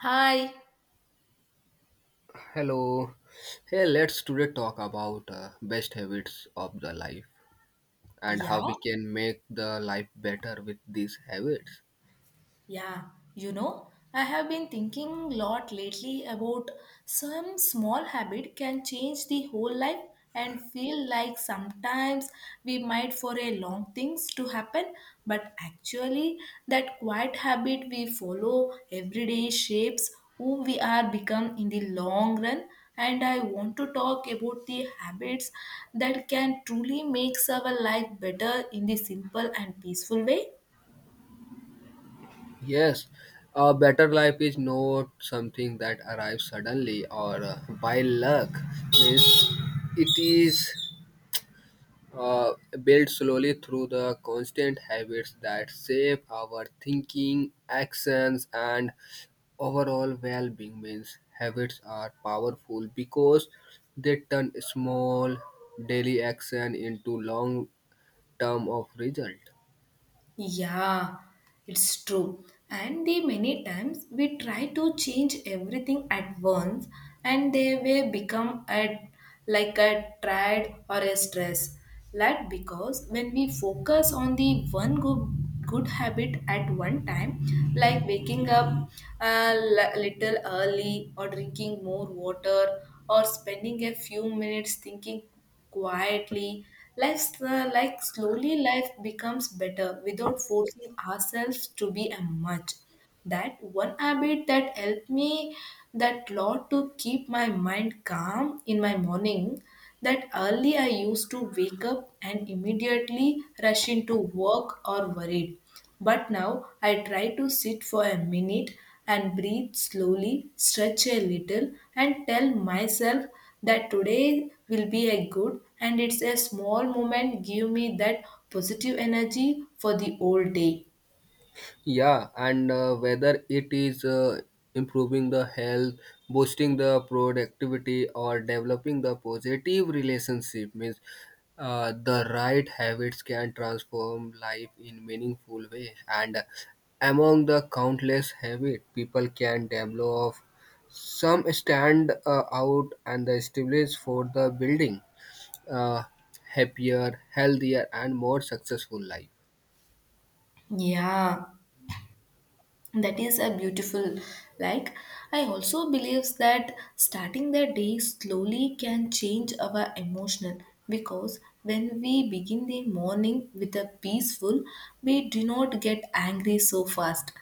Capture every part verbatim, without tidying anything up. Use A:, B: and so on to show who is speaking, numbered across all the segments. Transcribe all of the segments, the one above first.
A: Hi.
B: Hello. Hey, let's today talk about uh, best habits of the life and
A: Yeah,
B: how we can make the life better with these habits.
A: yeah. You know, I have been thinking a lot lately about some small habit can change the whole life and feel like sometimes we might for a long things to happen, but actually that quiet habit we follow every day shapes who we are become in the long run, and I want to talk about the habits that can truly makes our life better in the simple and peaceful way.
B: Yes, a better life is not something that arrives suddenly or uh, by luck. Means it is uh, built slowly through the constant habits that shape our thinking, actions, and overall well-being means habits are powerful because they turn small daily action into long term of result.
A: Yeah, it's true. And the many times we try to change everything at once and they will become a like a triad or a stress. That because when we focus on the one good good habit at one time, like waking up a li- little early or drinking more water or spending a few minutes thinking quietly. Life's uh, Like slowly life becomes better without forcing ourselves to be a much that one habit that helped me that lot to keep my mind calm in my morning that early I used to wake up and immediately rush into work or worried, but now I try to sit for a minute and breathe slowly stretch a little and tell myself that today will be a good, and it's a small moment give me that positive energy for the whole day.
B: Yeah, and uh, whether it is uh, improving the health, boosting the productivity, or developing the positive relationship means uh, the right habits can transform life in meaningful way. And among the countless habits people can develop, some stand uh, out and the established for the building uh, happier, healthier, and more successful life.
A: Yeah, that is a beautiful, like, I also believes that starting the day slowly can change our emotional because when we begin the morning with a peaceful we do not get angry so fast,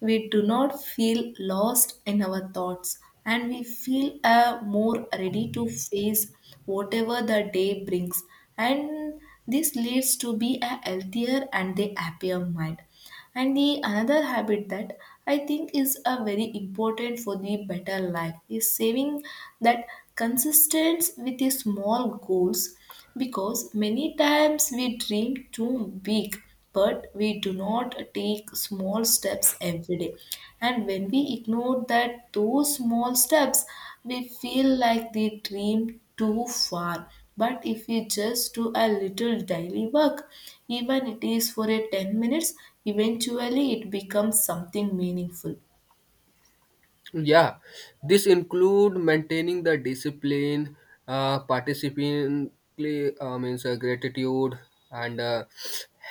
A: we do not feel lost in our thoughts, and we feel uh, more ready to face whatever the day brings. And this leads to be a healthier and a happier mind. And the another habit that I think is a very important for the better life is saving that consistent with the small goals because many times we dream too big, but we do not take small steps every day. And when we ignore that those small steps, we feel like the dream too far. But if we just do a little daily work, even it is for a ten minutes, eventually it becomes something meaningful.
B: Yeah, this include maintaining the discipline, uh, participant uh, means uh, gratitude and uh,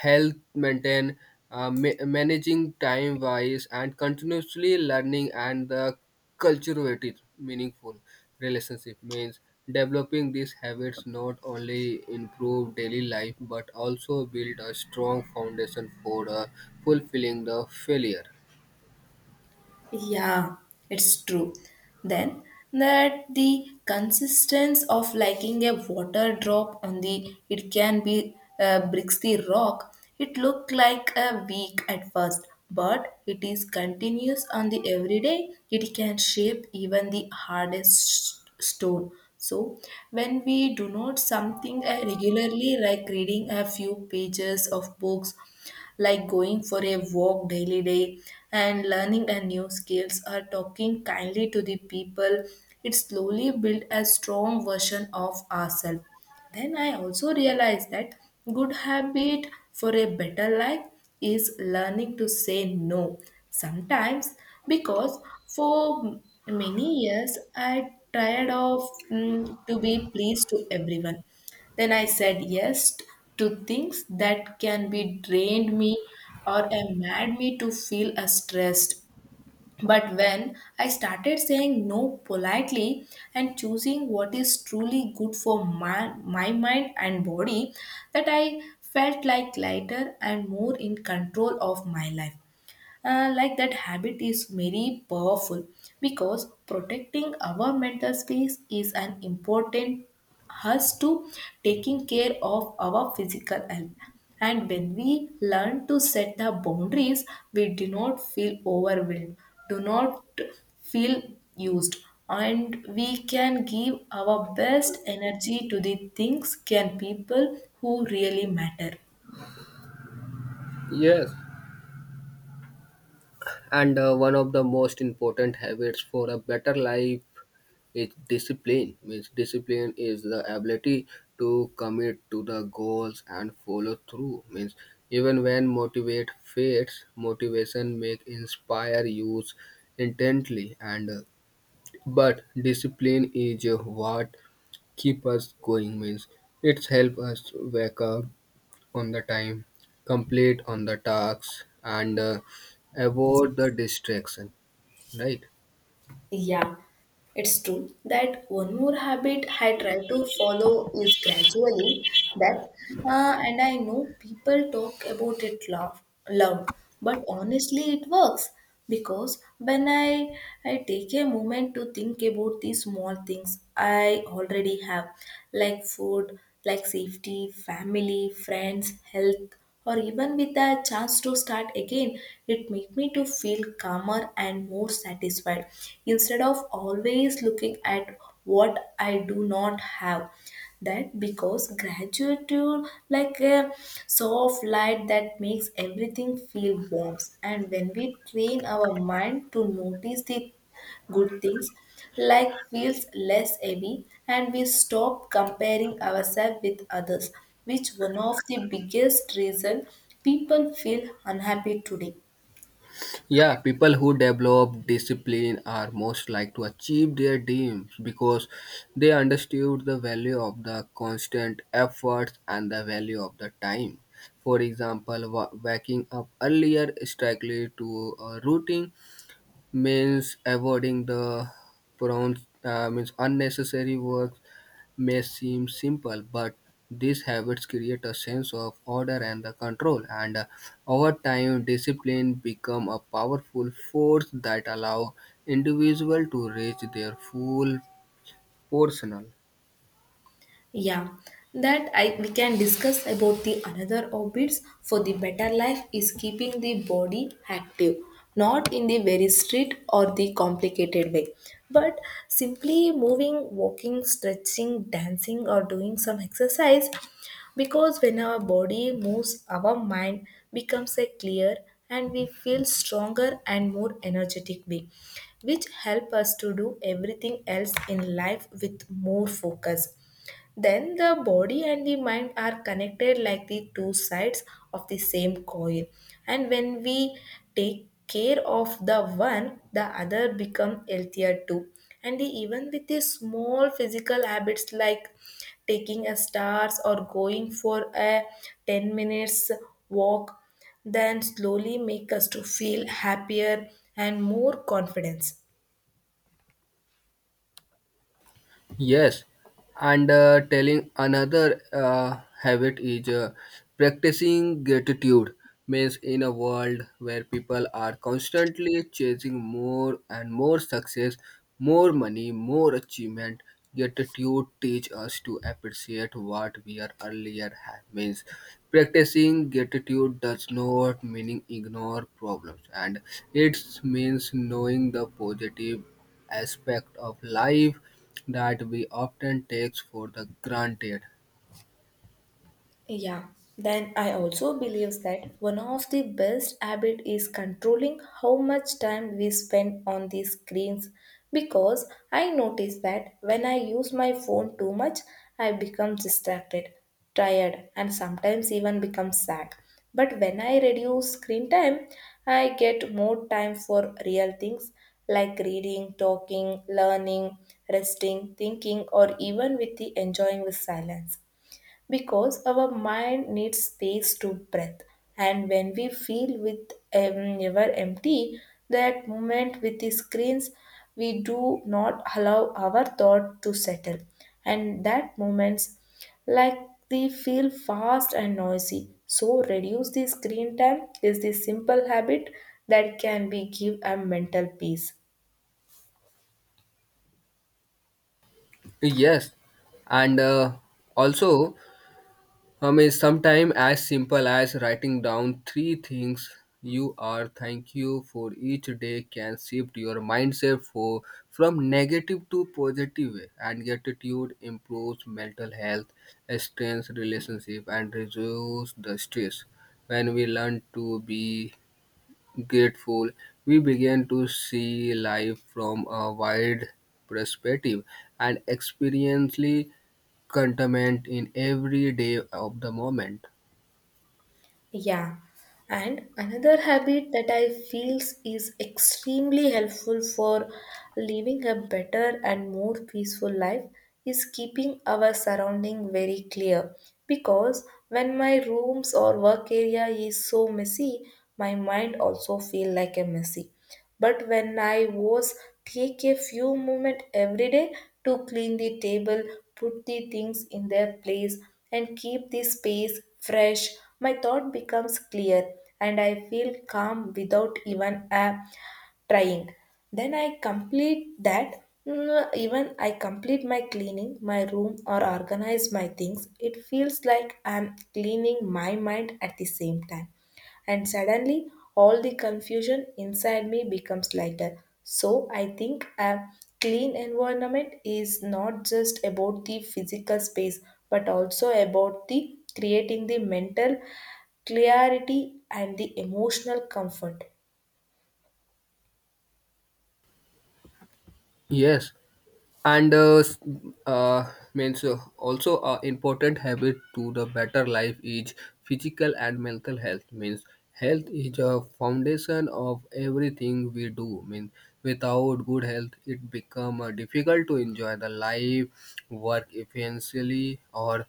B: health maintain, uh, ma- managing time wise and continuously learning and the cultivated meaningful relationship means developing these habits not only improve daily life but also build a strong foundation for uh, fulfilling the failure.
A: Yeah, it's true. Then that the consistence of liking a water drop on the it can be uh, bricks the rock. It looked like a weak at first, but it is continuous on the everyday. It can shape even the hardest stone. So when we do not something uh, regularly, like reading a few pages of books like going for a walk daily day and learning a new skills or talking kindly to the people, it slowly build a strong version of ourselves. Then I also realized that good habit for a better life is learning to say no sometimes because for many years I tired of mm, to be pleased to everyone. Then I said yes to things that can be drained me or a mad me to feel a stressed. But when I started saying no politely and choosing what is truly good for my, my mind and body, that I felt like lighter and more in control of my life. Uh, like that habit is very powerful because protecting our mental space is an important us to taking care of our physical health. And when we learn to set the boundaries we do not feel overwhelmed, do not feel used, and we can give our best energy to the things can people who really matter.
B: Yes. And uh, one of the most important habits for a better life is discipline means discipline is the ability to commit to the goals and follow through means even when motivate fades motivation make inspire use intently and uh, but discipline is uh, what keep us going means it's help us wake up on the time complete on the tasks and uh, avoid the distraction. Right.
A: Yeah, it's true that one more habit I try to follow is gradually that, uh, and I know people talk about it loud, loud, but honestly, it works because when I I take a moment to think about these small things I already have, like food, like safety, family, friends, health, or even with a chance to start again, it make me to feel calmer and more satisfied instead of always looking at what I do not have. That because gratitude like a soft light that makes everything feel warm. And when we train our mind to notice the good things, life feels less heavy and we stop comparing ourselves with others, which one of the biggest reason people feel unhappy today.
B: Yeah, people who develop discipline are most like to achieve their dreams because they understood the value of the constant efforts and the value of the time. For example, wa- waking up earlier strictly to a routine means avoiding the prone uh, means unnecessary work may seem simple, but these habits create a sense of order and the control, and uh, over time, discipline become a powerful force that allow individual to reach their full personal.
A: Yeah, that I we can discuss about the another orbits for the better life is keeping the body active, not in the very strict or the complicated way, but simply moving, walking, stretching, dancing, or doing some exercise. Because when our body moves, our mind becomes a clear and we feel stronger and more energetic way, which help us to do everything else in life with more focus. Then the body and the mind are connected like the two sides of the same coin. And when we take care of the one, the other become healthier too. And the- even with the small physical habits like taking a stars or going for a ten minutes walk, then slowly make us to feel happier and more confidence.
B: Yes, and uh, telling another uh, habit is uh, practicing gratitude means in a world where people are constantly chasing more and more success, more money, more achievement, gratitude teach us to appreciate what we are earlier had means practicing gratitude does not meaning ignore problems and it means knowing the positive aspect of life that we often takes for the granted.
A: Yeah, then I also believe that one of the best habit is controlling how much time we spend on these screens because I notice that when I use my phone too much, I become distracted, tired, and sometimes even become sad. But when I reduce screen time, I get more time for real things like reading, talking, learning, resting, thinking, or even with the enjoying the silence because our mind needs space to breathe. And when we feel with um, never empty that moment with the screens we do not allow our thought to settle, and that moments like they feel fast and noisy, so reduce the screen time is the simple habit that can be give a mental peace.
B: Yes, and uh, also, I mean, sometimes as simple as writing down three things you are thank you for each day can shift your mindset for from negative to positive way. And gratitude improves mental health strengthens relationship and reduces the stress when we learn to be grateful, we began to see life from a wide perspective and experientially contentment in every day of the moment.
A: Yeah, and another habit that I feels is extremely helpful for living a better and more peaceful life is keeping our surrounding very clear because when my rooms or work area is so messy, my mind also feel like a messy. But when I was take a few moments every day to clean the table, put the things in their place, and keep the space fresh, my thought becomes clear and I feel calm without even a trying. Then I complete that. Mm, even I complete my cleaning my room or organize my things it feels like I'm cleaning my mind at the same time. And suddenly all the confusion inside me becomes lighter. So I think a clean environment is not just about the physical space but also about the creating the mental clarity and the emotional comfort.
B: Yes, and uh, s- uh, means uh, also a important habit to the better life is physical and mental health means health is a foundation of everything we do means without good health it become uh, difficult to enjoy the life work efficiently or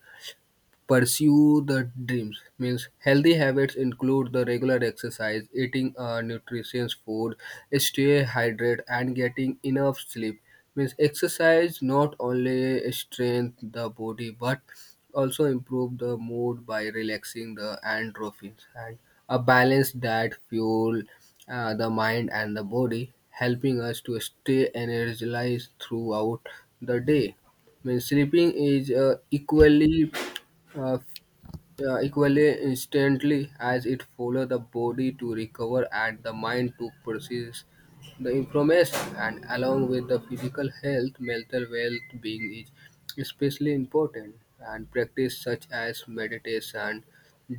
B: pursue the dreams means healthy habits include the regular exercise eating uh, nutritious food stay hydrated and getting enough sleep means exercise not only strengthens the body but also improve the mood by relaxing the endorphins and a balanced diet fuel uh, the mind and the body helping us to stay energized throughout the day means sleeping is uh, equally uh, f- uh, equally instantly as it follows the body to recover and the mind to process the information and along with the physical health mental well-being is especially important and practice such as meditation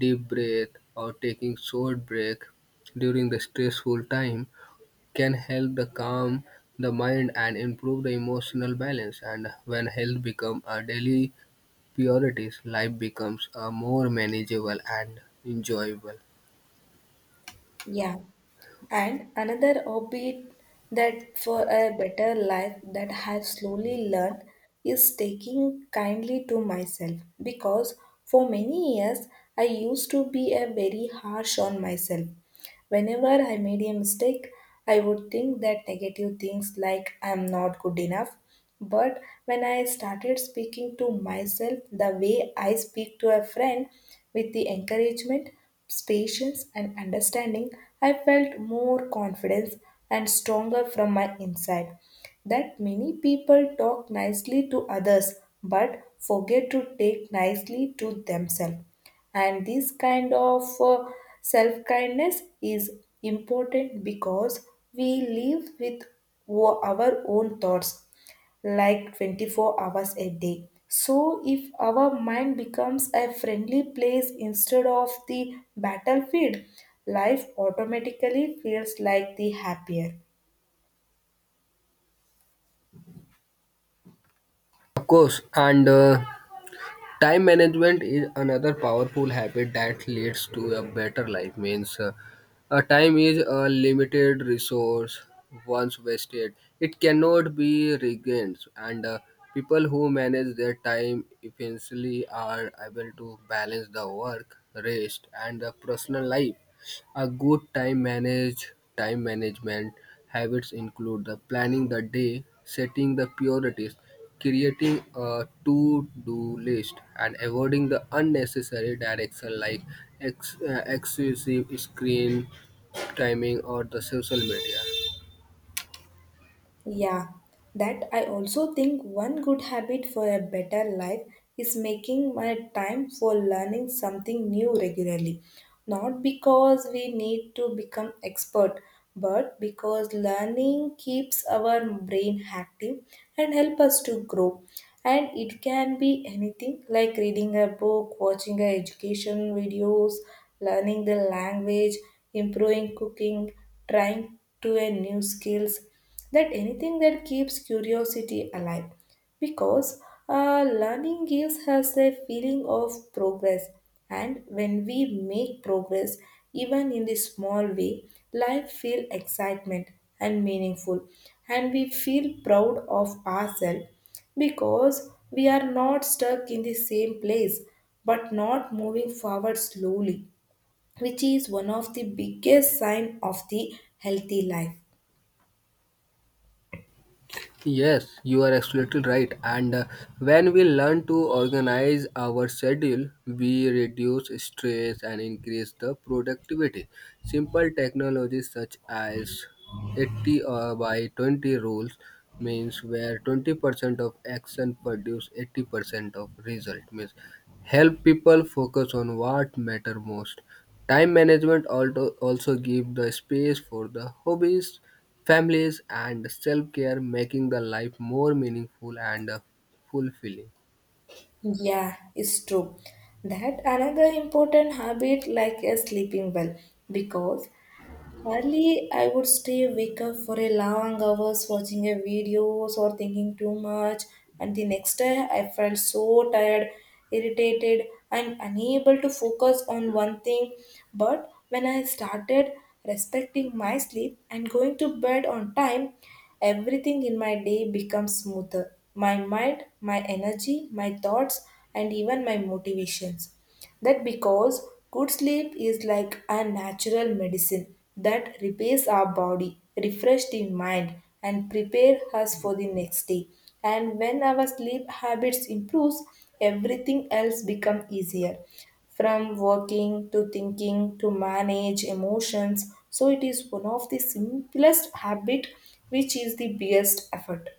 B: deep breath or taking short break during the stressful time can help the calm the mind and improve the emotional balance and when health become a daily priorities, life becomes uh, more manageable and enjoyable.
A: Yeah. And another hobby that for a better life that I have slowly learned is taking kindly to myself because for many years I used to be a very harsh on myself. Whenever I made a mistake, I would think that negative things like I'm not good enough. But when I started speaking to myself the way I speak to a friend with the encouragement, patience, and understanding, I felt more confidence and stronger from my inside. That many people talk nicely to others but forget to take nicely to themselves, and this kind of self kindness is important because we live with o- our own thoughts like twenty-four hours a day. So, if our mind becomes a friendly place instead of the battlefield, life automatically feels like the happier.
B: Of course, and uh, time management is another powerful habit that leads to a better life. Means, uh, uh, time is a limited resource. Once wasted, it cannot be regained, and uh, people who manage their time efficiently are able to balance the work, rest, and the personal life. A good time manage time management habits include the planning the day, setting the priorities, creating a to-do list, and avoiding the unnecessary direction like ex- uh, excessive screen timing or the social media.
A: Yeah, that I also think one good habit for a better life is making my time for learning something new regularly. Not because we need to become expert, but because learning keeps our brain active and help us to grow. And it can be anything like reading a book, watching a education videos, learning the language, improving cooking, trying to a new skills that anything that keeps curiosity alive because uh, learning gives us a feeling of progress. And when we make progress even in the small way life feel excitement and meaningful, and we feel proud of ourselves because we are not stuck in the same place but not moving forward slowly, which is one of the biggest sign of the healthy life.
B: Yes, you are absolutely right. And uh, when we learn to organize our schedule, we reduce stress and increase the productivity. Simple technologies such as eighty uh, by twenty rules means where twenty percent of action produce eighty percent of result means help people focus on what matter most. Time management alto- also give the space for the hobbies, families and self-care making the life more meaningful and uh, fulfilling.
A: Yeah, it's true. That another important habit like a sleeping well because hardly, I would stay wake up for a long hours watching a videos or thinking too much. And the next day, I felt so tired, irritated, and unable to focus on one thing. But when I started respecting my sleep and going to bed on time, everything in my day becomes smoother. My mind, my energy, my thoughts, and even my motivations. That because good sleep is like a natural medicine that repairs our body, refresh the mind, and prepare us for the next day. And when our sleep habits improves, everything else become easier from working to thinking to manage emotions. So it is one of the simplest habit which is the biggest effort.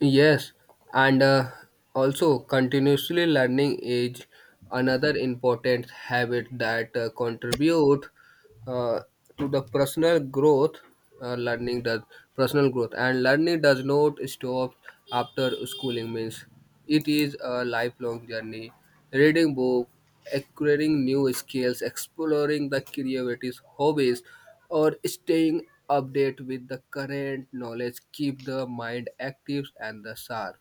B: Yes, and uh, also continuously learning is another important habit that uh, contribute uh, to the personal growth. Uh, learning does Personal growth and learning does not stop after schooling means it is a lifelong journey reading book acquiring new skills exploring the creativities hobbies or staying update with the current knowledge keep the mind active and the sharp.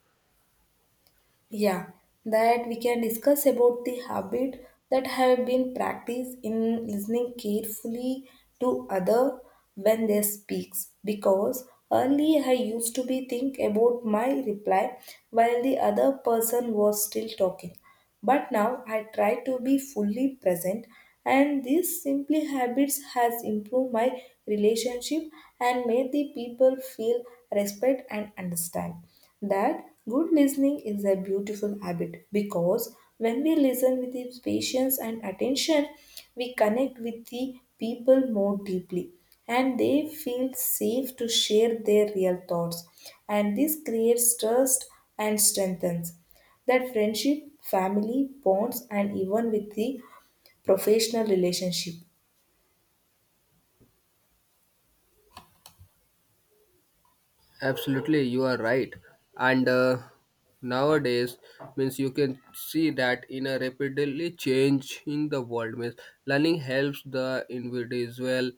A: Yeah, that we can discuss about the habit that have been practiced in listening carefully to other when they speaks, because early I used to be think about my reply while the other person was still talking. But now I try to be fully present, and these simply habits has improved my relationship and made the people feel respect and understand that good listening is a beautiful habit. Because when we listen with the patience and attention, we connect with the people more deeply, and they feel safe to share their real thoughts, and this creates trust and strengthens that friendship, family, bonds, and even with the professional relationship.
B: Absolutely, you are right. And uh, nowadays, means you can see that in a rapidly change in the world, means learning helps the individual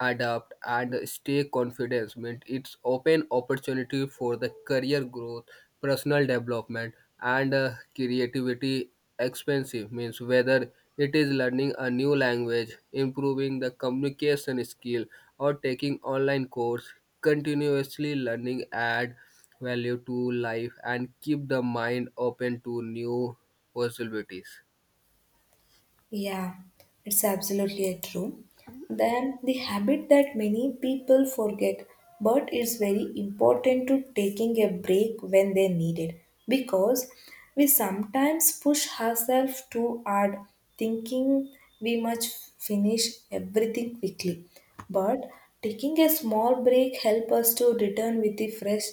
B: adapt and stay confident means it's open opportunity for the career growth personal development and uh, creativity expensive means whether it is learning a new language improving the communication skill or taking online course continuously learning add value to life and keep the mind open to new possibilities.
A: Yeah, it's absolutely true. Then the habit that many people forget, but it's very important to taking a break when they need it, because we sometimes push ourselves too hard, thinking we must finish everything quickly. But taking a small break helps us to return with the fresh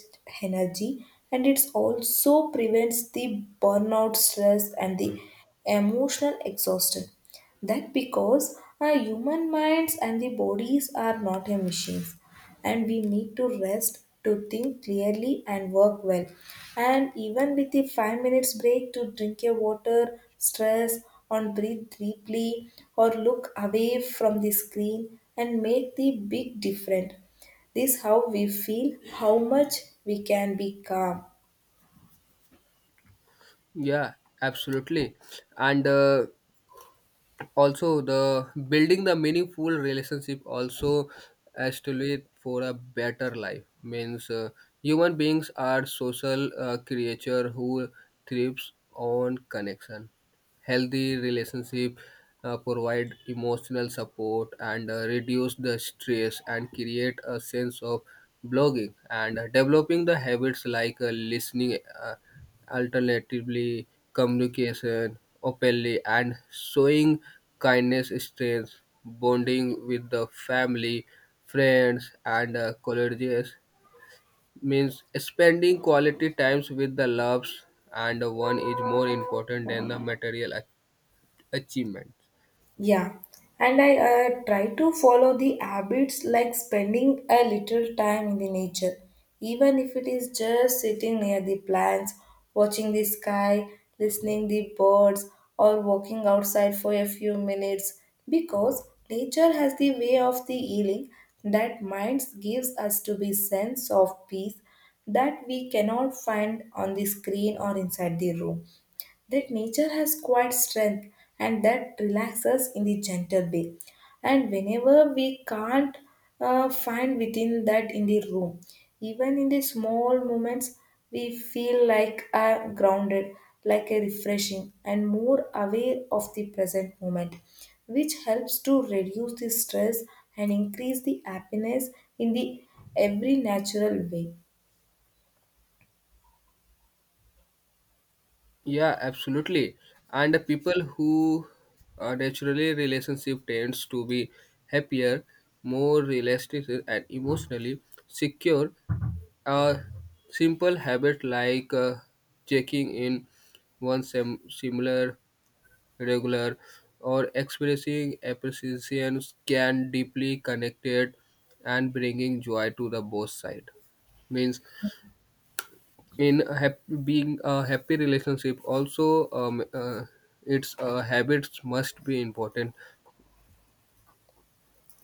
A: energy, and it also prevents the burnout stress and the emotional exhausted. That because our human minds and the bodies are not a machines, and we need to rest to think clearly and work well. And even with the five minutes break to drink your water, stress, and breathe deeply, or look away from the screen and make the big difference. This how we feel, how much we can be calm.
B: Yeah, absolutely. And uh, also, the building the meaningful relationship also estimate for a better life means uh, human beings are social uh, creature who thrives on connection. Healthy relationship uh, provide emotional support and uh, reduce the stress and create a sense of belonging. And developing the habits like uh, listening. Uh, Alternatively, communication openly and showing kindness strengthens bonding with the family, friends, and uh, colleagues. Means spending quality times with the loves and one is more important than the material ach- achievement.
A: Yeah, and I uh, try to follow the habits like spending a little time in the nature, even if it is just sitting near the plants, watching the sky, listening the birds, or walking outside for a few minutes. Because nature has the way of the healing that minds gives us to be sense of peace that we cannot find on the screen or inside the room. That nature has quiet strength and that relaxes in the gentle way. And whenever we can't uh, find within that in the room, even in the small moments, we feel like uh, grounded, like a refreshing, and more aware of the present moment, which helps to reduce the stress and increase the happiness in the every natural way.
B: Yeah, absolutely. And the people who are naturally relationship tends to be happier, more realistic and emotionally secure. A simple habit like uh, checking in once a similar regular or expressing appreciation can deeply connected and bringing joy to the both side means in a hap- being a happy relationship also um, uh, its uh, habits must be important.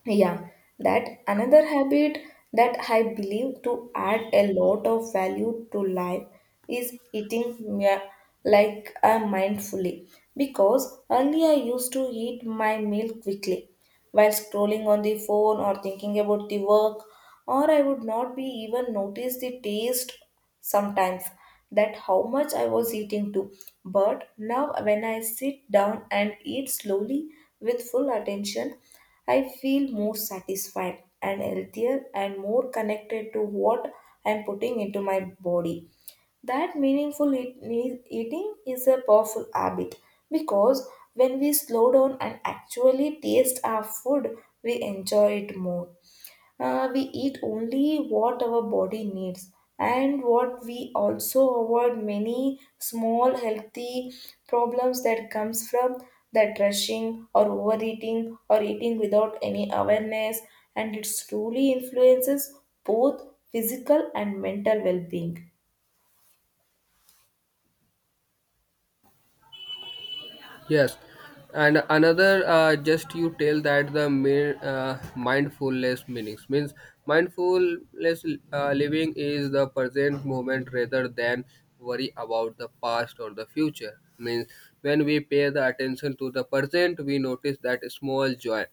A: Yeah, that another habit that I believe to add a lot of value to life is eating mea- like uh, mindfully, because earlier I used to eat my meal quickly while scrolling on the phone or thinking about the work, or I would not be even notice the taste sometimes that how much I was eating too. But now, when I sit down and eat slowly with full attention, I feel more satisfied and healthier and more connected to what I am putting into my body. That meaningful eat- ne- eating is a powerful habit, because when we slow down and actually taste our food, we enjoy it more. Uh, we eat only what our body needs, and what we also avoid many small healthy problems that comes from that rushing or overeating or eating without any awareness, and it truly influences both physical and mental well-being.
B: Yes, and another uh, just you tell that the mere, uh, mindfulness meanings means mindfulness uh, living is the present moment rather than worry about the past or the future means when we pay the attention to the present we notice that small joy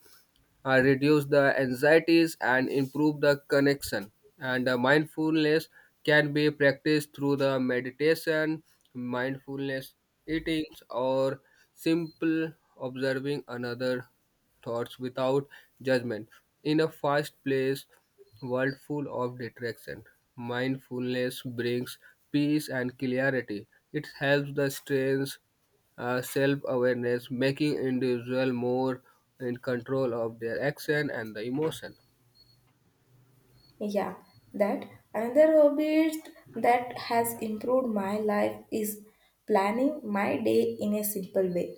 B: uh, reduce the anxieties and improve the connection and uh, mindfulness can be practiced through the meditation mindfulness eating or simple observing another thoughts without judgment in a fast paced world full of distraction mindfulness brings peace and clarity it helps the stress uh, self-awareness, making individual more in control of their action and the emotion.
A: Yeah, that another hobby that has improved my life is planning my day in a simple way,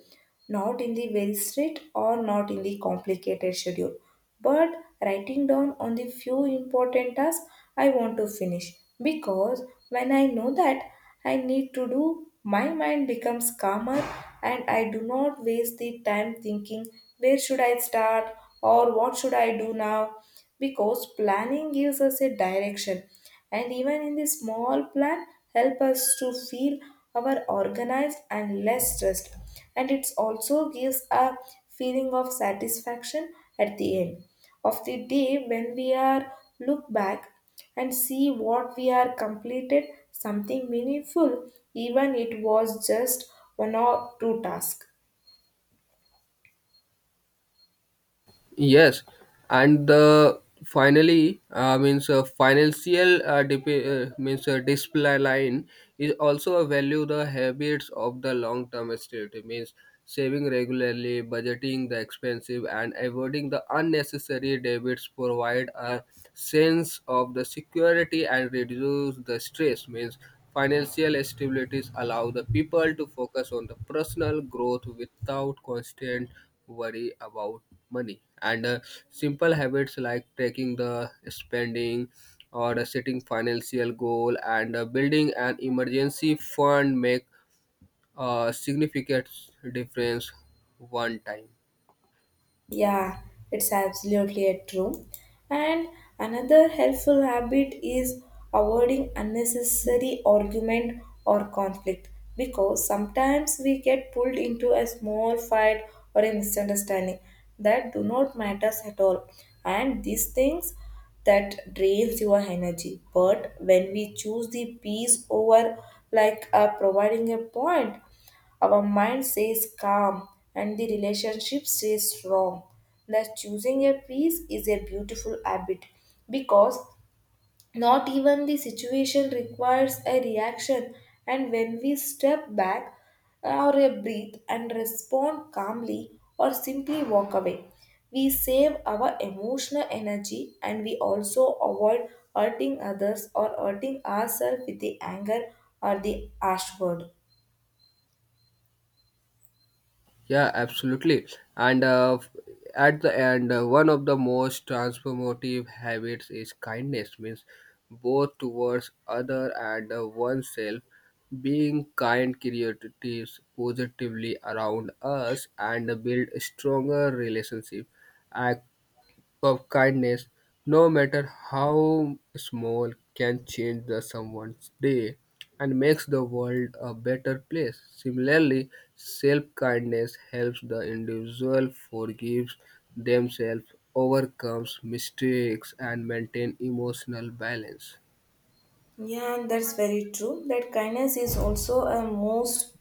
A: not in the very strict or not in the complicated schedule, but writing down on the few important tasks I want to finish. Because when I know that I need to do, my mind becomes calmer, and I do not waste the time thinking where should I start or what should I do now. Because planning gives us a direction, and even in the small plan help us to feel our organized and less stressed, and it also gives a feeling of satisfaction at the end of the day when we are look back and see what we are completed something meaningful, even it was just one or two tasks.
B: Yes, and the finally uh, means uh, financial uh, dip- uh, means uh, display line is also a value the habits of the long term stability means saving regularly, budgeting the expensive, and avoiding the unnecessary debits provide a sense of the security and reduce the stress means financial stabilities allow the people to focus on the personal growth without constant worry about money and uh, simple habits like tracking the spending or uh, setting financial goal and uh, building an emergency fund make a significant difference one time.
A: Yeah, it's absolutely a true. And another helpful habit is avoiding unnecessary argument or conflict, because sometimes we get pulled into a small fight or a misunderstanding that do not matters at all. And these things that drains your energy. But when we choose the peace over like uh, providing a point, our mind stays calm and the relationship stays strong. Thus, choosing a peace is a beautiful habit, because not even the situation requires a reaction. And when we step back or a breathe and respond calmly or simply walk away, we save our emotional energy, and we also avoid hurting others or hurting ourselves with the anger or the harsh word.
B: Yeah, absolutely. And uh, f- at the end, uh, one of the most transformative habits is kindness, means both towards other and uh, oneself. Being kind creates positively around us and build stronger relationship of kindness, no matter how small, can change the someone's day and makes the world a better place. Similarly, self-kindness helps the individual forgives themselves, overcomes mistakes, and maintain emotional balance.
A: Yeah, and that's very true. That kindness is also a most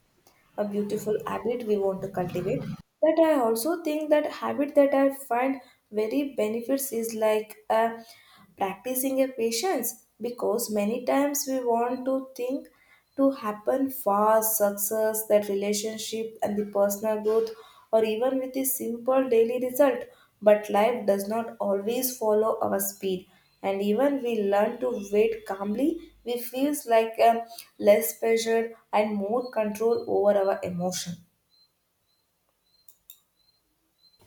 A: a beautiful habit we want to cultivate. But I also think that habit that I find very benefits is like uh, practicing a patience, because many times we want to think to happen fast success that relationship and the personal growth or even with a simple daily result. But life does not always follow our speed, and even we learn to wait calmly, we feels like um, less pressure and more control over our emotion.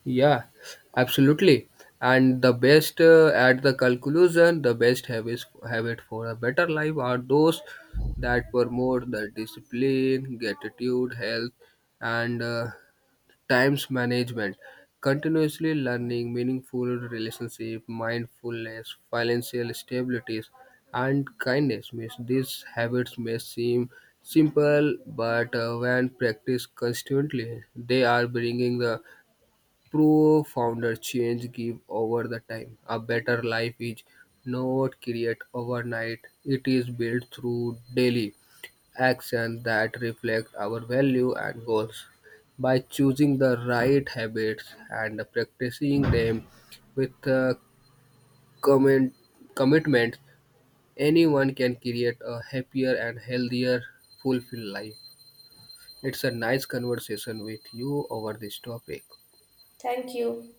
B: Yeah, absolutely. And the best, uh, at the conclusion, the best habits habit for a better life are those that promote the discipline, gratitude, health, and uh, times management. Continuously learning, meaningful relationship, mindfulness, financial stabilities, and kindness. Means these habits may seem simple, but uh, when practiced constantly, they are bringing the pro founder change give over the time. A better life is not created overnight. It is built through daily action that reflect our value and goals. By choosing the right habits and practicing them with uh, comment, commitment, anyone can create a happier and healthier, fulfilled life. It's a nice conversation with you over this topic.
A: Thank you.